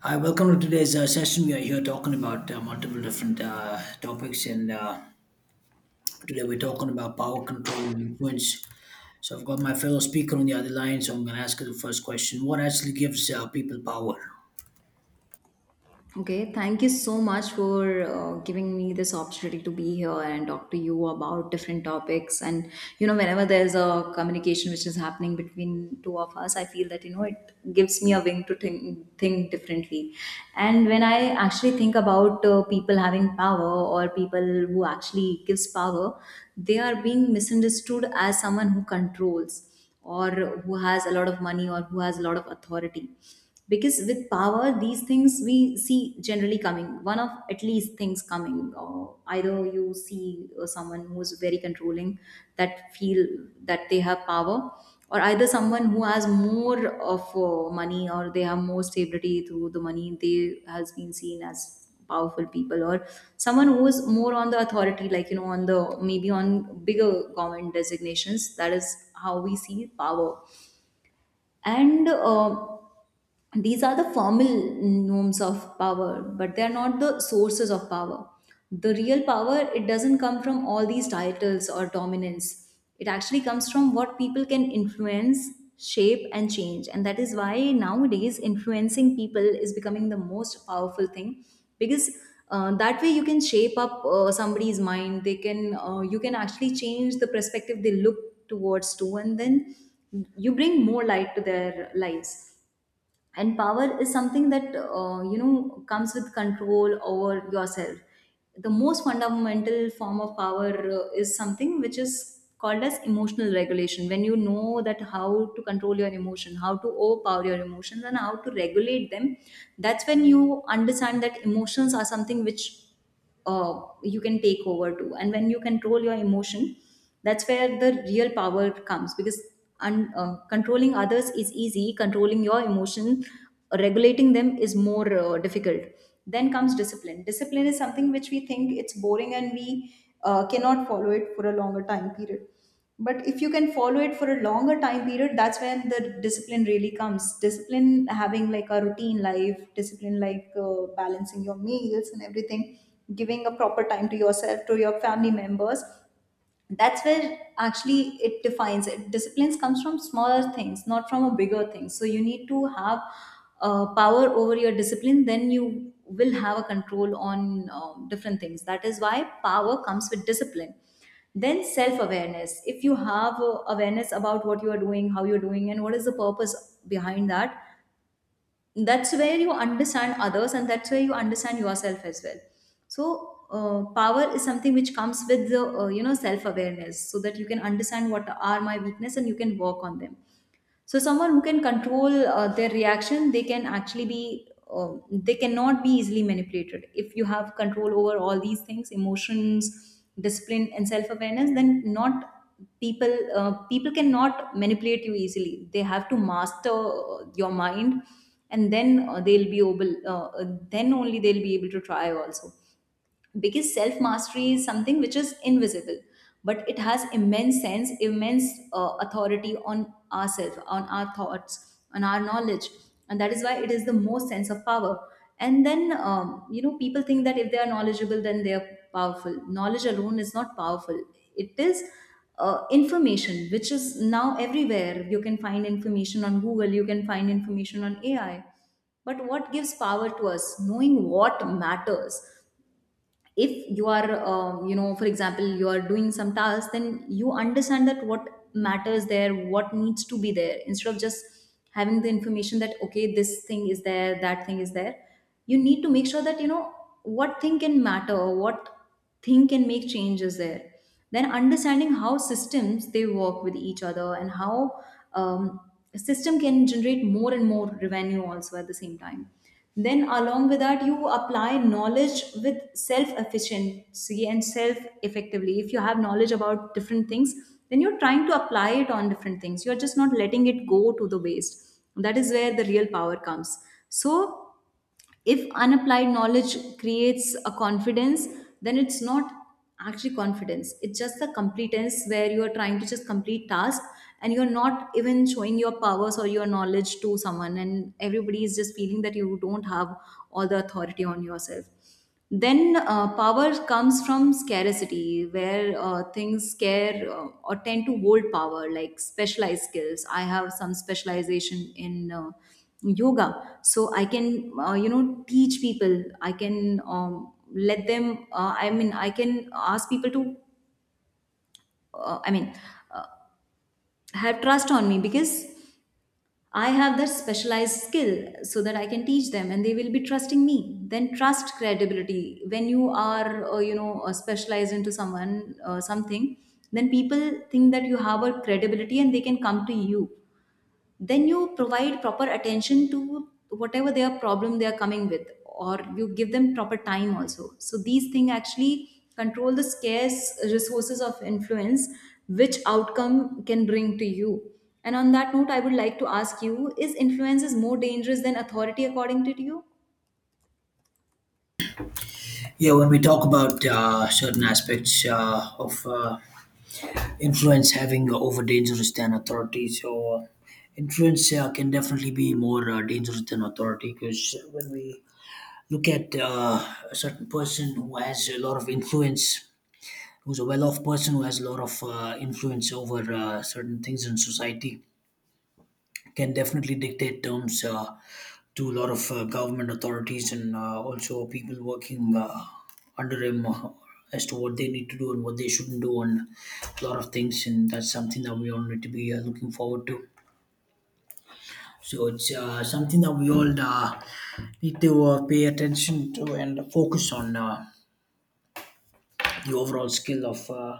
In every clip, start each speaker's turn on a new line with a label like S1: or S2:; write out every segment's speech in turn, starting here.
S1: Hi, welcome to today's session. We are here talking about multiple different topics, and today we're talking about power control and influence. So, I've got my fellow speaker on the other line, so I'm going to ask you the first question. What actually gives people power?
S2: Okay, thank you so much for giving me this opportunity to be here and talk to you about different topics. And you know, whenever there's a communication which is happening between two of us, I feel that you know it gives me a wing to think differently. And when I actually think about people having power or people who actually gives power, they are being misunderstood as someone who controls or who has a lot of money or who has a lot of authority, because with power these things we see generally coming one of at least things coming, or either you see someone who is very controlling that feel that they have power, or either someone who has more of money, or they have more stability through the money they has been seen as powerful people, or someone who is more on the authority, like you know, on the maybe on bigger government designations. That is how we see power. And these are the formal norms of power, but they are not the sources of power. The real power, it doesn't come from all these titles or dominance. It actually comes from what people can influence, shape and change. And that is why nowadays influencing people is becoming the most powerful thing, because that way you can shape up somebody's mind. They can you can actually change the perspective they look towards too, and then you bring more light to their lives. And power is something that you know comes with control over yourself. The most fundamental form of power is something which is called as emotional regulation, when you know that how to control your emotion, how to overpower your emotions and how to regulate them. That's when you understand that emotions are something which you can take over to, and when you control your emotion, that's where the real power comes. Because controlling others is easy, controlling your emotion, regulating them, is more difficult. Then comes discipline. Discipline is something which we think it's boring and we cannot follow it for a longer time period. But if you can follow it for a longer time period, that's when the discipline really comes. Discipline, having like a routine life, discipline like balancing your meals and everything, giving a proper time to yourself, to your family members, that's where actually it defines. It disciplines, comes from smaller things, not from a bigger thing. So you need to have power over your discipline, then you will have a control on different things. That is why power comes with discipline. Then self awareness. If you have awareness about what you are doing, how you're doing and what is the purpose behind that, that's where you understand others and that's where you understand yourself as well. So power is something which comes with the you know self awareness, so that you can understand what are my weakness and you can work on them. So someone who can control their reaction, they can actually be, they cannot be easily manipulated. If you have control over all these things, emotions, discipline, and self-awareness, then not people people cannot manipulate you easily. They have to master your mind, and then they'll be able. Then only they'll be able to try also, because self mastery is something which is invisible, but it has immense authority on ourselves, on our thoughts, on our knowledge. And that is why it is the most sense of power. And then you know people think that if they are knowledgeable, then they are powerful. Knowledge alone is not powerful. It is information which is now everywhere. You can find information on google, you can find information on ai. But what gives power to us? Knowing what matters. If you are you know, for example, you are doing some task, then you understand that what matters there, what needs to be there, instead of just having the information that okay, this thing is there, that thing is there. You need to make sure that you know what thing can matter, what thing can make changes there. Then understanding how systems they work with each other, and how um, a system can generate more and more revenue also at the same time. Then along with that, you apply knowledge with self efficiency and self effectively. If you have knowledge about different things, then you're trying to apply it on different things, you're just not letting it go to the waste. That is where the real power comes. So if unapplied knowledge creates a confidence, then it's not actually confidence, it's just the competence where you are trying to just complete tasks, and you're not even showing your powers or your knowledge to someone, and everybody is just feeling that you don't have all the authority on yourself. Then power comes from scarcity, where things scare or tend to hold power, like specialized skills. I have some specialization in yoga, so I can you know teach people. I can let them I mean, I can ask people to uh, i mean uh, have trust on me, because I have that specialized skill, so that I can teach them and they will be trusting me. Then trust credibility. When you are, you know, specialized into someone, something, then people think that you have a credibility and they can come to you. Then you provide proper attention to whatever their problem they are coming with, or you give them proper time also. So these things actually control the scarce resources of influence which outcome can bring to you. And on that note, I would like to ask you, is influence is more dangerous than authority according to you?
S1: Yeah, when we talk about certain aspects of influence having over dangerous than authority, influence can definitely be more dangerous than authority, because when we look at a certain person who has a lot of influence, who's a well-off person who has a lot of influence over certain things in society, can definitely dictate terms to a lot of government authorities and also people working under him, as to what they need to do and what they shouldn't do on a lot of things. And that's something that we all need to be looking forward to. So it's something that we all need to pay attention to and focus on, the overall skill of,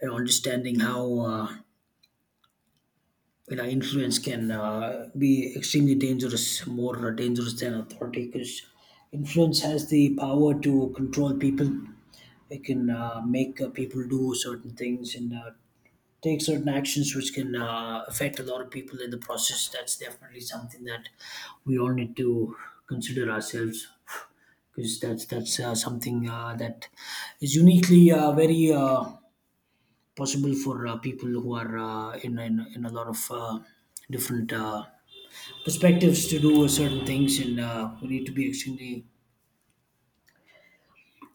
S1: you know, understanding how, you know, influence can be extremely dangerous, more dangerous than authority, because influence has the power to control people. It can make people do certain things and take certain actions which can affect a lot of people in the process. That's definitely something that we all need to consider ourselves, because that's something that is uniquely very possible for people who are in a lot of different perspectives to do certain things, and we need to be extremely,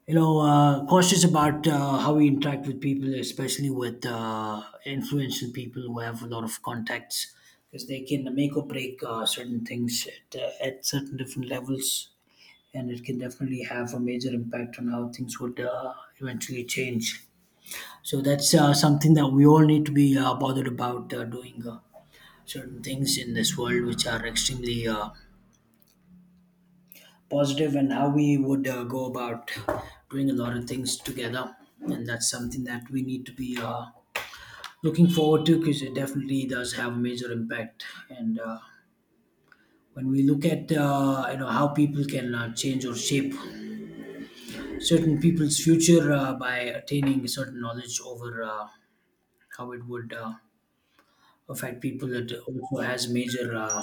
S1: you know, cautious about how we interact with people, especially with influential people who have a lot of contacts, because they can make or break certain things at certain different levels. And it can definitely have a major impact on how things would eventually change. So that's something that we all need to be bothered about doing. Certain things in this world which are extremely positive, and how we would go about doing a lot of things together, and that's something that we need to be looking forward to, because it definitely does have a major impact. And when we look at, you know, how people can change or shape certain people's future by attaining certain knowledge over how it would affect people, it also has major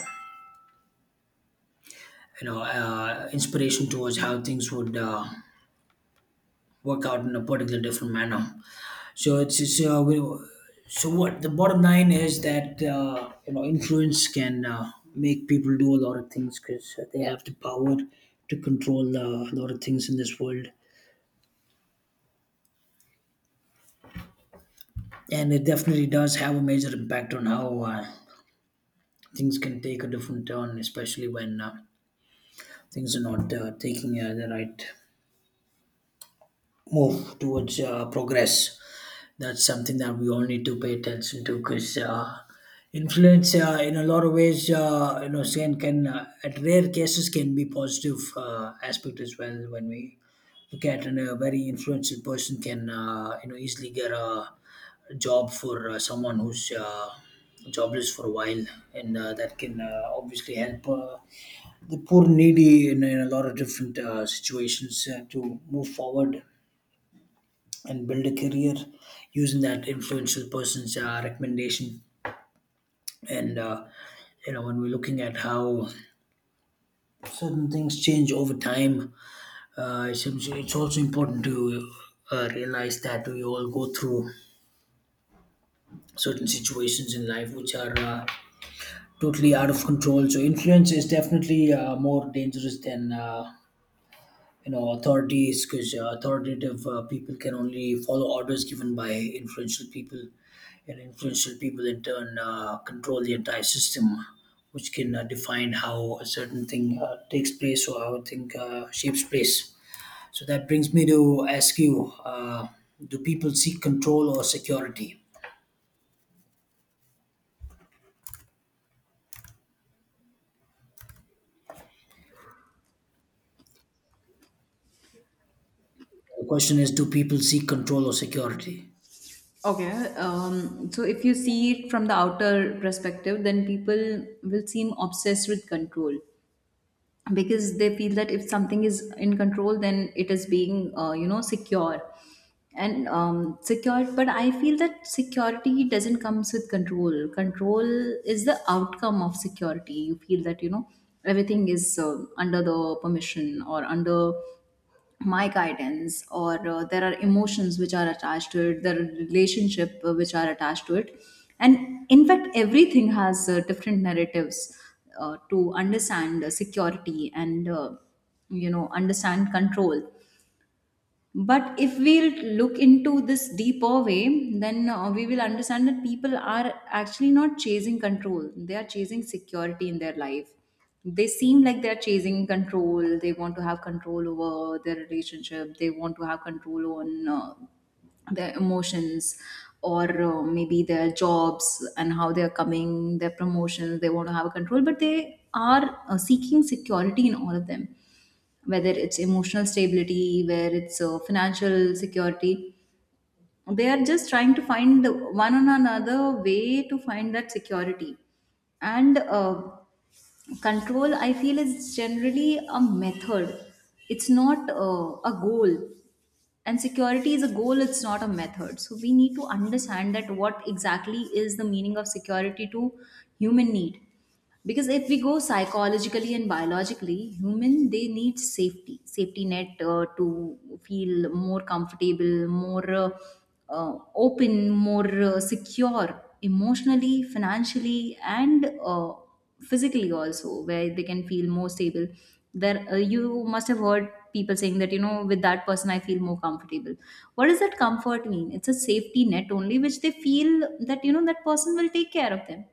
S1: you know inspiration towards how things would work out in a particular different manner. So so what the bottom line is, that you know, influence can make people do a lot of things, because they have the power to control a lot of things in this world, and it definitely does have a major impact on how things can take a different turn, especially when things are not taking the right move towards progress. That's something that we all need to pay attention to, because influence, in a lot of ways, you know, can at rare cases can be positive aspect as well, when we look at, and a very influential person can, you know, easily get a job for someone who's jobless for a while, and that can obviously help the poor needy in a lot of different situations to move forward and build a career using that influential person's recommendation. And you know, when we're looking at how certain things change over time, it's also important to realize that we all go through certain situations in life which are totally out of control. So influence is definitely more dangerous than, you know, authorities, because authoritative people can only follow orders given by influential people, and influential people in turn control the entire system, which can define how a certain thing takes place or how a thing shapes place. So that brings me to ask you, do people seek control or security? The question is, do people seek control or security?
S2: Okay, so if you see it from the outer perspective, then people will seem obsessed with control. Because they feel that if something is in control, then it is being you know secure, and secure but I feel that security doesn't comes with control. Control is the outcome of security. You feel that you know everything is under the permission or under my guidance, or there are emotions which are attached to it, there are relationship which are attached to it. And in fact everything has different narratives to understand security and you know understand control. But if we'll look into this deeper way, then we will understand that people are actually not chasing control. They are chasing security in their life. They seem like they're chasing control. They want to have control over their relationship. They want to have control on their emotions, or maybe their jobs and how they're coming, their promotions. They want to have a control, but they are seeking security in all of them, whether it's emotional stability, where it's financial security. They are just trying to find one on another way to find that security. And control, I feel, is generally a method. It's not a goal. And security is a goal, it's not a method. So we need to understand that what exactly is the meaning of security to human need. Because if we go psychologically and biologically, human they need safety, safety net to feel more comfortable, more open, more secure, emotionally, financially, and physically also, where they can feel more stable there. You must have heard people saying that you know, with that person I feel more comfortable. What does that comfort mean? It's a safety net only which they feel, that you know that person will take care of them.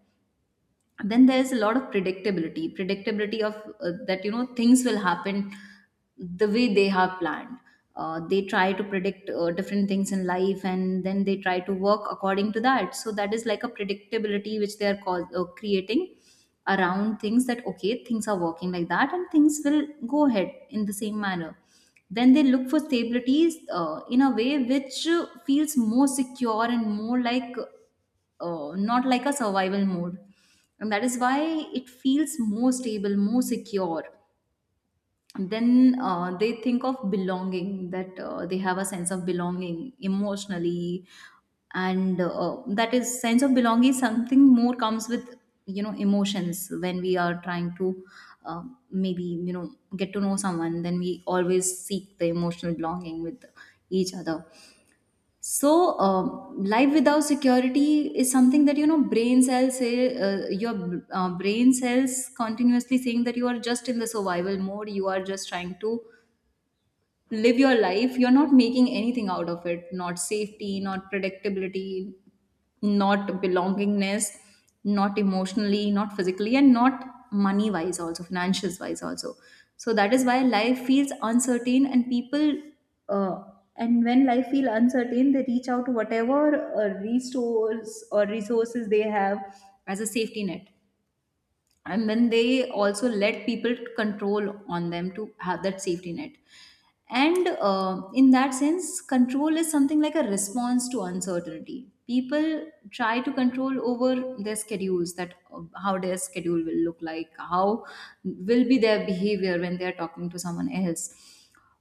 S2: Then there is a lot of predictability. Predictability of that you know things will happen the way they have planned. They try to predict different things in life, and then they try to work according to that. So that is like a predictability which they are creating around things, that okay, things are working like that and things will go ahead in the same manner. Then they look for stabilities in a way which feels more secure and more like not like a survival mode. And that is why it feels more stable, more secure. Then they think of belonging, that they have a sense of belonging emotionally. And that is sense of belonging, is something more comes with, you know, emotions, when we are trying to uh, maybe, you know, get to know someone. Then we always seek the emotional belonging with each other. Life without security is something that brain cells say, your brain cells continuously saying that you are just in the survival mode. You are just trying to live your life, you're not making anything out of it, not safety, not predictability, not belongingness, not emotionally, not physically, and not money wise also, financials wise also. So that is why life feels uncertain and people uh, and when life feel uncertain they reach out to whatever resource or resources they have as a safety net, and then they also let people control on them to have that safety net. And in that sense control is something like a response to uncertainty. People try to control over their schedules, that how their schedule will look like, how will be their behavior when they are talking to someone else,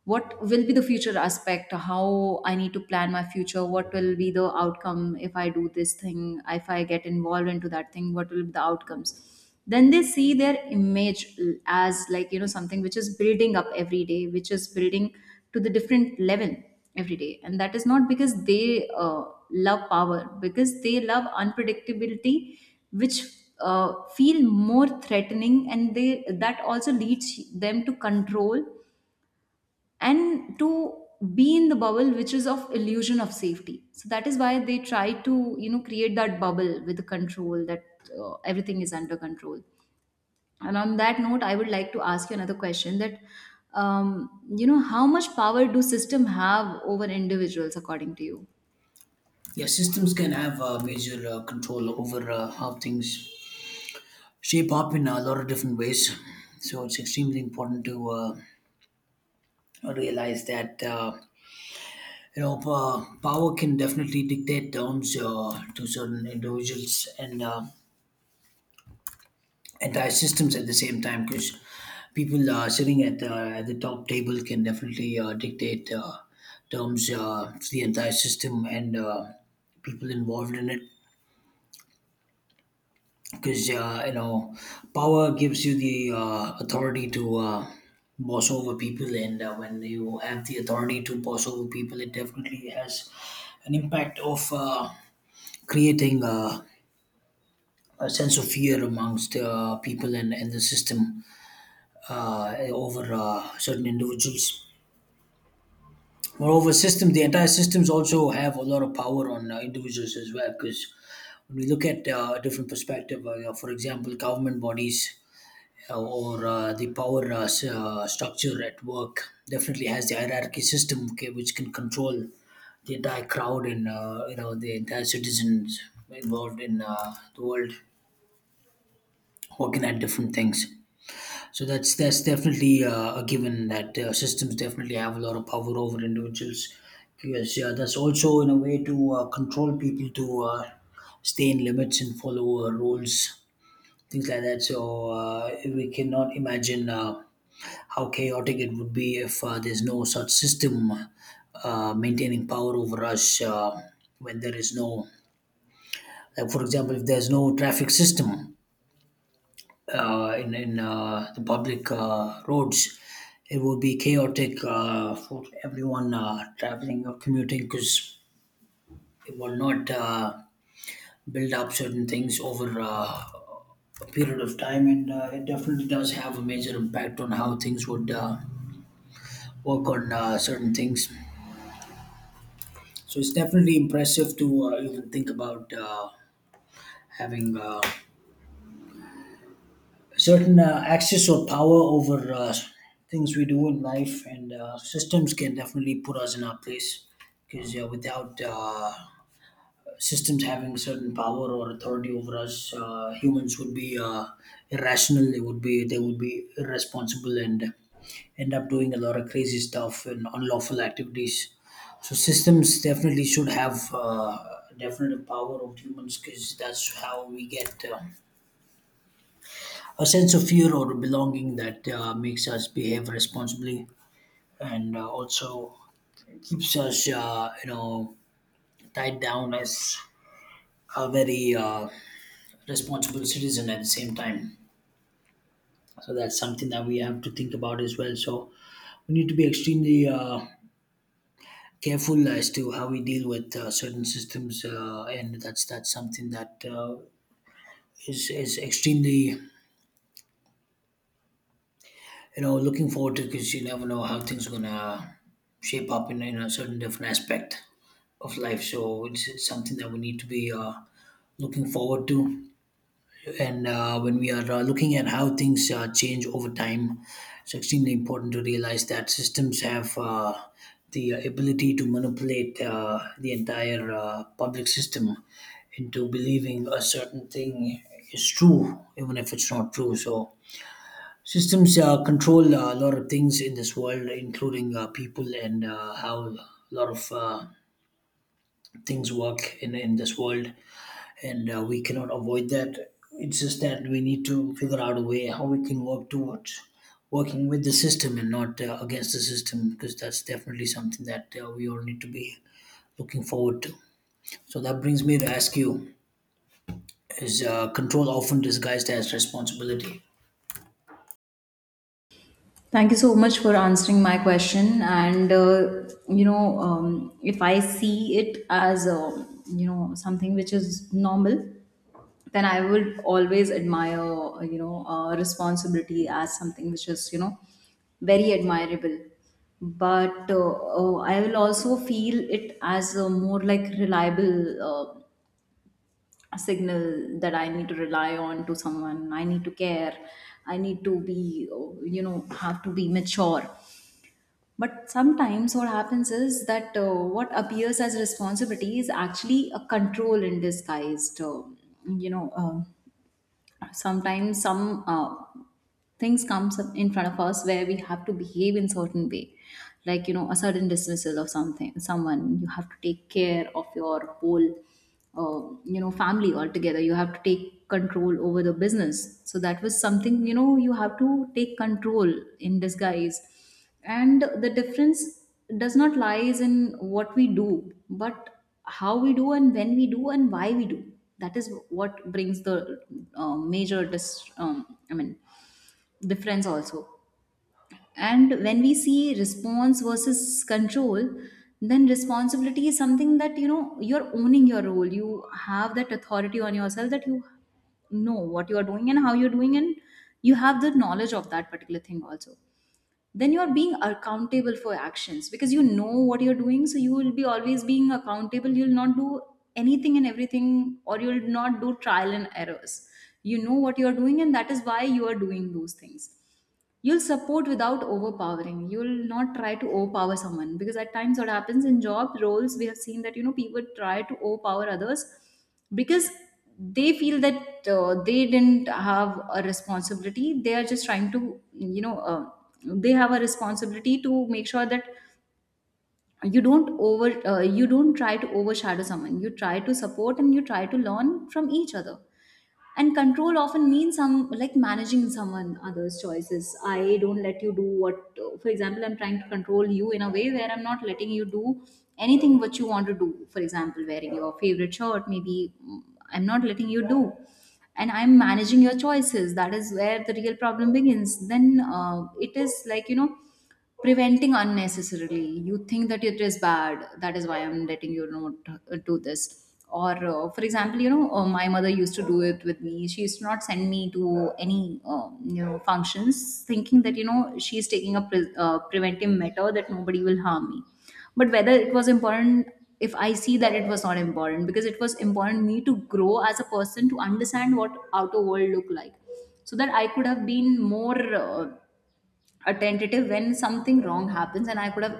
S2: what will be the future aspect, how I need to plan my future, what will be the outcome if I do this thing, if I get involved into that thing what will be the outcomes. Then they see their image as like, something which is building up every day, which is building to the different level every day. And that is not because they love power, because they love unpredictability which feel more threatening, and they, that also leads them to control and to be in the bubble which is of illusion of safety. So that is why they try to, create that bubble with the control, that everything is under control. And on that note, I would like to ask you another question, that um, you know, how much power do system have over individuals, according to you?
S1: Yeah, systems can have major control over how things shape up in a lot of different ways. So it's extremely important to realize that, you know, power can definitely dictate terms to certain individuals and entire systems at the same time. Because people sitting at the top table can definitely dictate terms, to the entire system and people involved in it. Because you know, power gives you the authority to boss over people. And when you have the authority to boss over people, it definitely has an impact of creating a sense of fear amongst people and the system, uh, over certain individuals. Moreover, systems, the entire systems also have a lot of power on individuals as well, because when we look at a different perspective, you know, for example, government bodies or the power structure at work definitely has the hierarchy system, okay, which can control the entire crowd and, you know, the entire citizens involved in the world working at different things. So that's definitely a given, that systems definitely have a lot of power over individuals, because, yeah, that's also in a way to control people, to stay in limits and follow rules, things like that. So we cannot imagine how chaotic it would be if there's no such system maintaining power over us, when there is no, like for example, if there's no traffic system in the public roads, it would be chaotic for everyone traveling or commuting, because it will not. Build up certain things over a period of time, and it definitely does have a major impact on how things would work on certain things. So it's definitely impressive to even think about having certain access or power over things we do in life, and systems can definitely put us in our place, because without systems having certain power or authority over us, humans would be irrational, they would be irresponsible and end up doing a lot of crazy stuff and unlawful activities. So systems definitely should have definitive power of humans, because that's how we get a sense of fear or belonging that makes us behave responsibly, and also keeps us, you know, tied down as a very responsible citizen at the same time. So that's something that we have to think about as well. So we need to be extremely careful as to how we deal with certain systems, and that's something that is extremely, you know, looking forward to, because you never know how things are gonna shape up in a certain different aspect of life. So it's something that we need to be looking forward to. And when we are looking at how things change over time, it's extremely important to realize that systems have the ability to manipulate the entire public system into believing a certain thing is true, even if it's not true. So systems control a lot of things in this world, including people, and how a lot of things work in this world, and we cannot avoid that. It's just that we need to figure out a way how we can work towards working with the system and not against the system, because that's definitely something that we all need to be looking forward to. So that brings me to ask you: is control often disguised as responsibility?
S2: Thank you so much for answering my question. If I see it as, you know, something which is normal, then I would always admire, responsibility as something which is, you know, very admirable. But I will also feel it as a more like reliable signal that I need to rely on to someone. I need to care. I need to be, have to be mature. But sometimes what happens is that what appears as responsibility is actually a control in disguise. You know, um Sometimes some things comes up in front of us where we have to behave in certain way, like you know, a sudden dismissal of something, someone you have to take care of, your whole you know family altogether, you have to take control over the business. So that was something, you know, you have to take control in disguise. And the difference does not lies in what we do, but how we do, and when we do, and why we do. That is what brings the major dis- I mean difference also. And when we see response versus control, then responsibility is something that, you know, you're owning your role. You have that authority on yourself, that you know what you are doing and how you're doing, and you have the knowledge of that particular thing also. Then you are being accountable for actions, because you know what you're doing, so you will be always being accountable. You'll not do anything and everything, or you'll not do trial and errors. You know what you're doing, and that is why you are doing those things. You'll support without overpowering, you'll not try to overpower someone, because at times what happens in job roles we have seen that, you know, people try to overpower others because they feel that they didn't have a responsibility, they are just trying to, they have a responsibility to make sure that you don't over you don't try to overshadow someone, you try to support and you try to learn from each other. And control often means some like managing someone other's choices. I don't let you do what, for example, I'm trying to control you in a way where I'm not letting you do anything what you want to do, for example wearing your favorite shirt, maybe, I'm not letting you do, and I'm managing your choices. That is where the real problem begins. Then it is like you know, preventing unnecessarily, you think that it is bad, that is why I'm letting you not do this. Or for example, my mother used to do it with me, she used to not send me to any you know functions, thinking that, you know, she's taking a preventive measure that nobody will harm me. But whether it was important? If I see, that it was not important, because it was important me to grow as a person, to understand what outer world look like, so that I could have been more uh, a tentative when something wrong happens, and I could have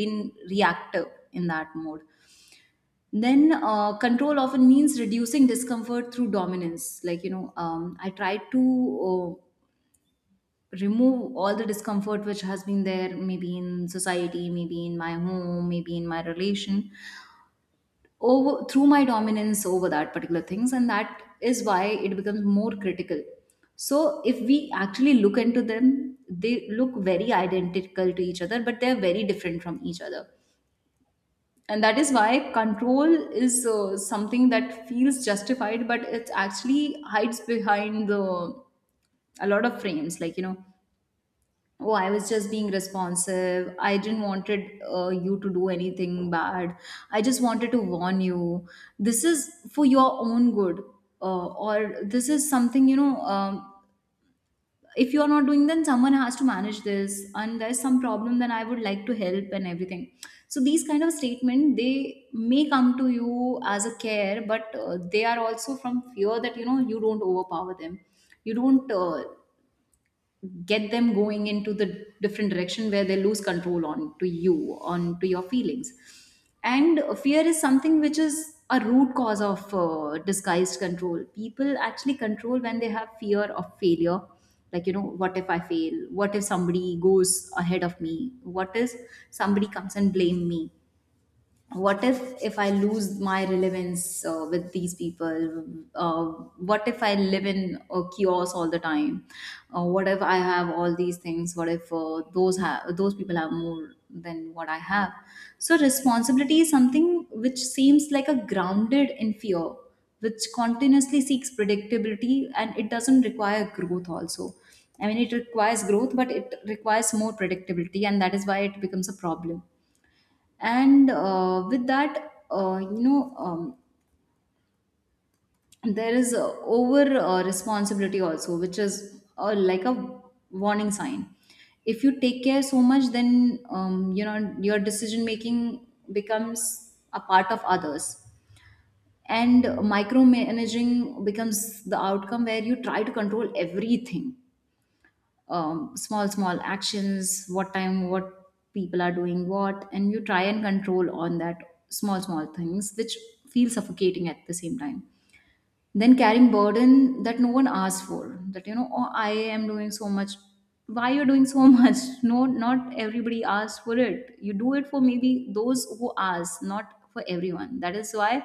S2: been reactive in that mode. Then control often means reducing discomfort through dominance, like, I tried to uh, remove all the discomfort which has been there, maybe in society, maybe in my home, maybe in my relation, over through my dominance over that particular things, and that is why it becomes more critical. So if we actually look into them, they look very identical to each other, but they're very different from each other. And that is why control is something that feels justified, but it actually hides behind the a lot of frames, like, you know, oh I was just being responsive, I didn't wanted you to do anything bad, I just wanted to warn you, this is for your own good. Or this is something, if you're not doing then someone has to manage this, and there's some problem, then I would like to help and everything. So these kind of statement, they may come to you as a care, but they are also from fear that, you know, you don't overpower them, you don't get them going into the different direction where they lose control on to you, on to your feelings. And fear is something which is a root cause of disguised control. People actually control when they have fear of failure, like, you know, what if I fail, what if somebody goes ahead of me, what if somebody comes and blame me, what if I lose my relevance with these people, uh, what if I live in a kiosk all the time, what if I have all these things, what if those people have more than what I have. So responsibility is something which seems like a grounded in fear, which continuously seeks predictability, and it doesn't require growth also. I mean, it requires growth, but it requires more predictability, and that is why it becomes a problem. And with that you know There is over responsibility also, which is like a warning sign. If you take care so much, then, you know, your decision making becomes a part of others, and micromanaging becomes the outcome where you try to control everything, small small actions, what time, what people are doing what, and you try and control on that small small things which feel suffocating at the same time. Then carrying burden that no one asks for, that you know, oh I am doing so much, why you're doing so much. No, not everybody asks for it, you do it for maybe those who ask, not for everyone. That is why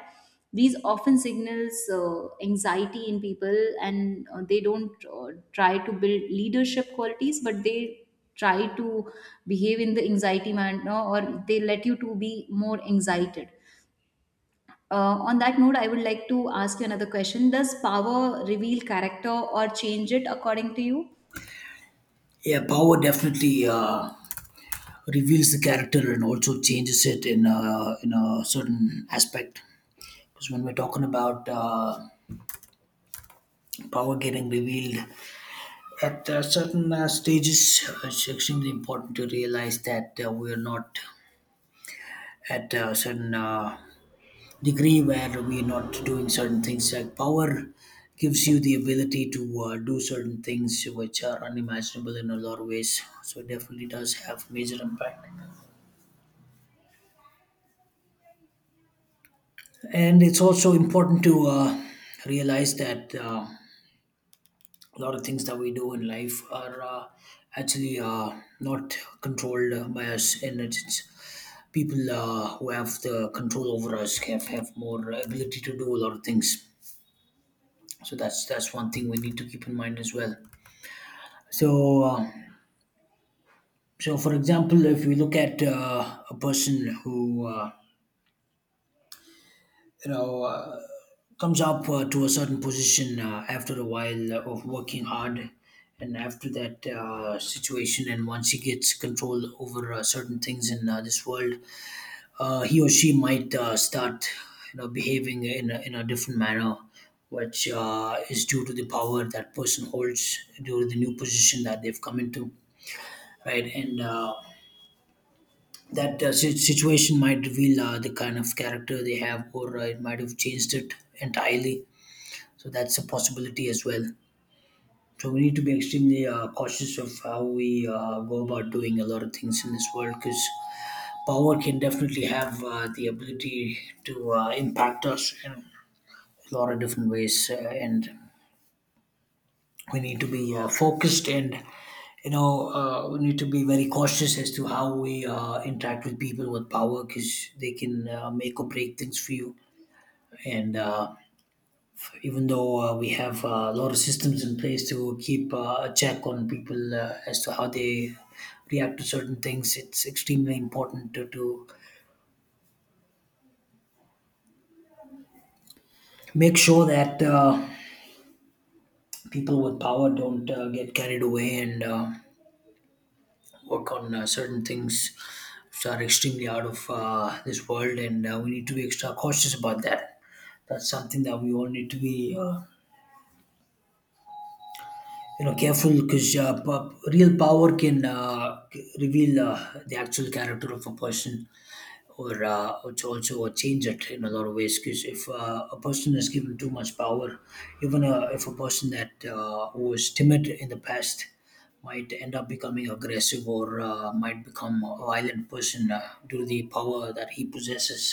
S2: these often signals anxiety in people, and they don't try to build leadership qualities, but they try to behave in the anxiety manner, or they let you to be more anxiety. On that note, I would like to ask you another question. Does power reveal character or change it, according to you?
S1: Yeah, power definitely reveals the character and also changes it in a, in a certain aspect. Because when we're talking about power getting revealed, at certain stages, it's extremely important to realize that we are not at a certain degree where we are not doing certain things. Like, power gives you the ability to do certain things which are unimaginable in a lot of ways. So it definitely does have major impact. And it's also important to realize that, a lot of things that we do in life are, actually not controlled by us, and it's people who have the control over us have more ability to do a lot of things. So that's one thing we need to keep in mind as well. So uh, so for example, if we look at a person who, you know, comes up to a certain position after a while of working hard, and after that situation, and once he gets control over certain things in this world, he or she might start, you know, behaving in a different manner, which is due to the power that person holds, due to the new position that they've come into, right? And that situation might reveal the kind of character they have, or it might have changed it entirely. So that's a possibility as well. So we need to be extremely cautious of how we go about doing a lot of things in this world, because power can definitely have the ability to impact us in a lot of different ways, and we need to be focused and, you know, we need to be very cautious as to how we interact with people with power, because they can make or break things for you. And even though we have a lot of systems in place to keep a check on people, as to how they react to certain things, it's extremely important to make sure that. People with power don't get carried away and work on certain things which are extremely out of this world, and we need to be extra cautious about that. That's something that we all need to be, you know, careful, because real power can reveal the actual character of a person, or it's also a change it in a lot of ways, because if a person is given too much power, even if a person that was timid in the past might end up becoming aggressive, or might become a violent person, due to the power that he possesses,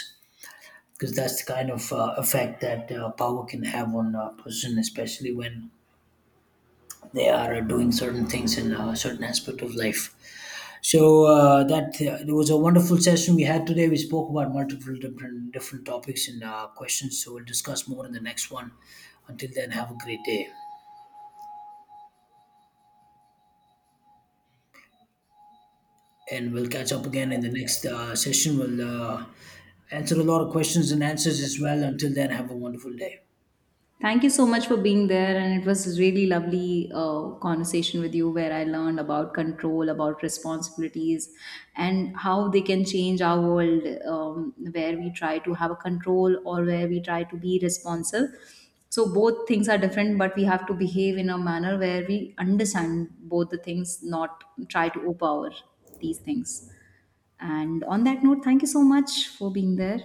S1: because that's the kind of effect that power can have on a person, especially when they are doing certain things in a certain aspect of life. So that it was a wonderful session we had today. We spoke about multiple different topics and questions. So we'll discuss more in the next one. Until then, have a great day, and we'll catch up again in the next session. We'll answer a lot of questions and answers as well. Until then, have a wonderful day.
S2: Thank you so much for being there, and it was really lovely conversation with you, where I learned about control, about responsibilities, and how they can change our world, where we try to have a control or where we try to be responsive. So both things are different, but we have to behave in a manner where we understand both the things, not try to overpower these things. And on that note, thank you so much for being there.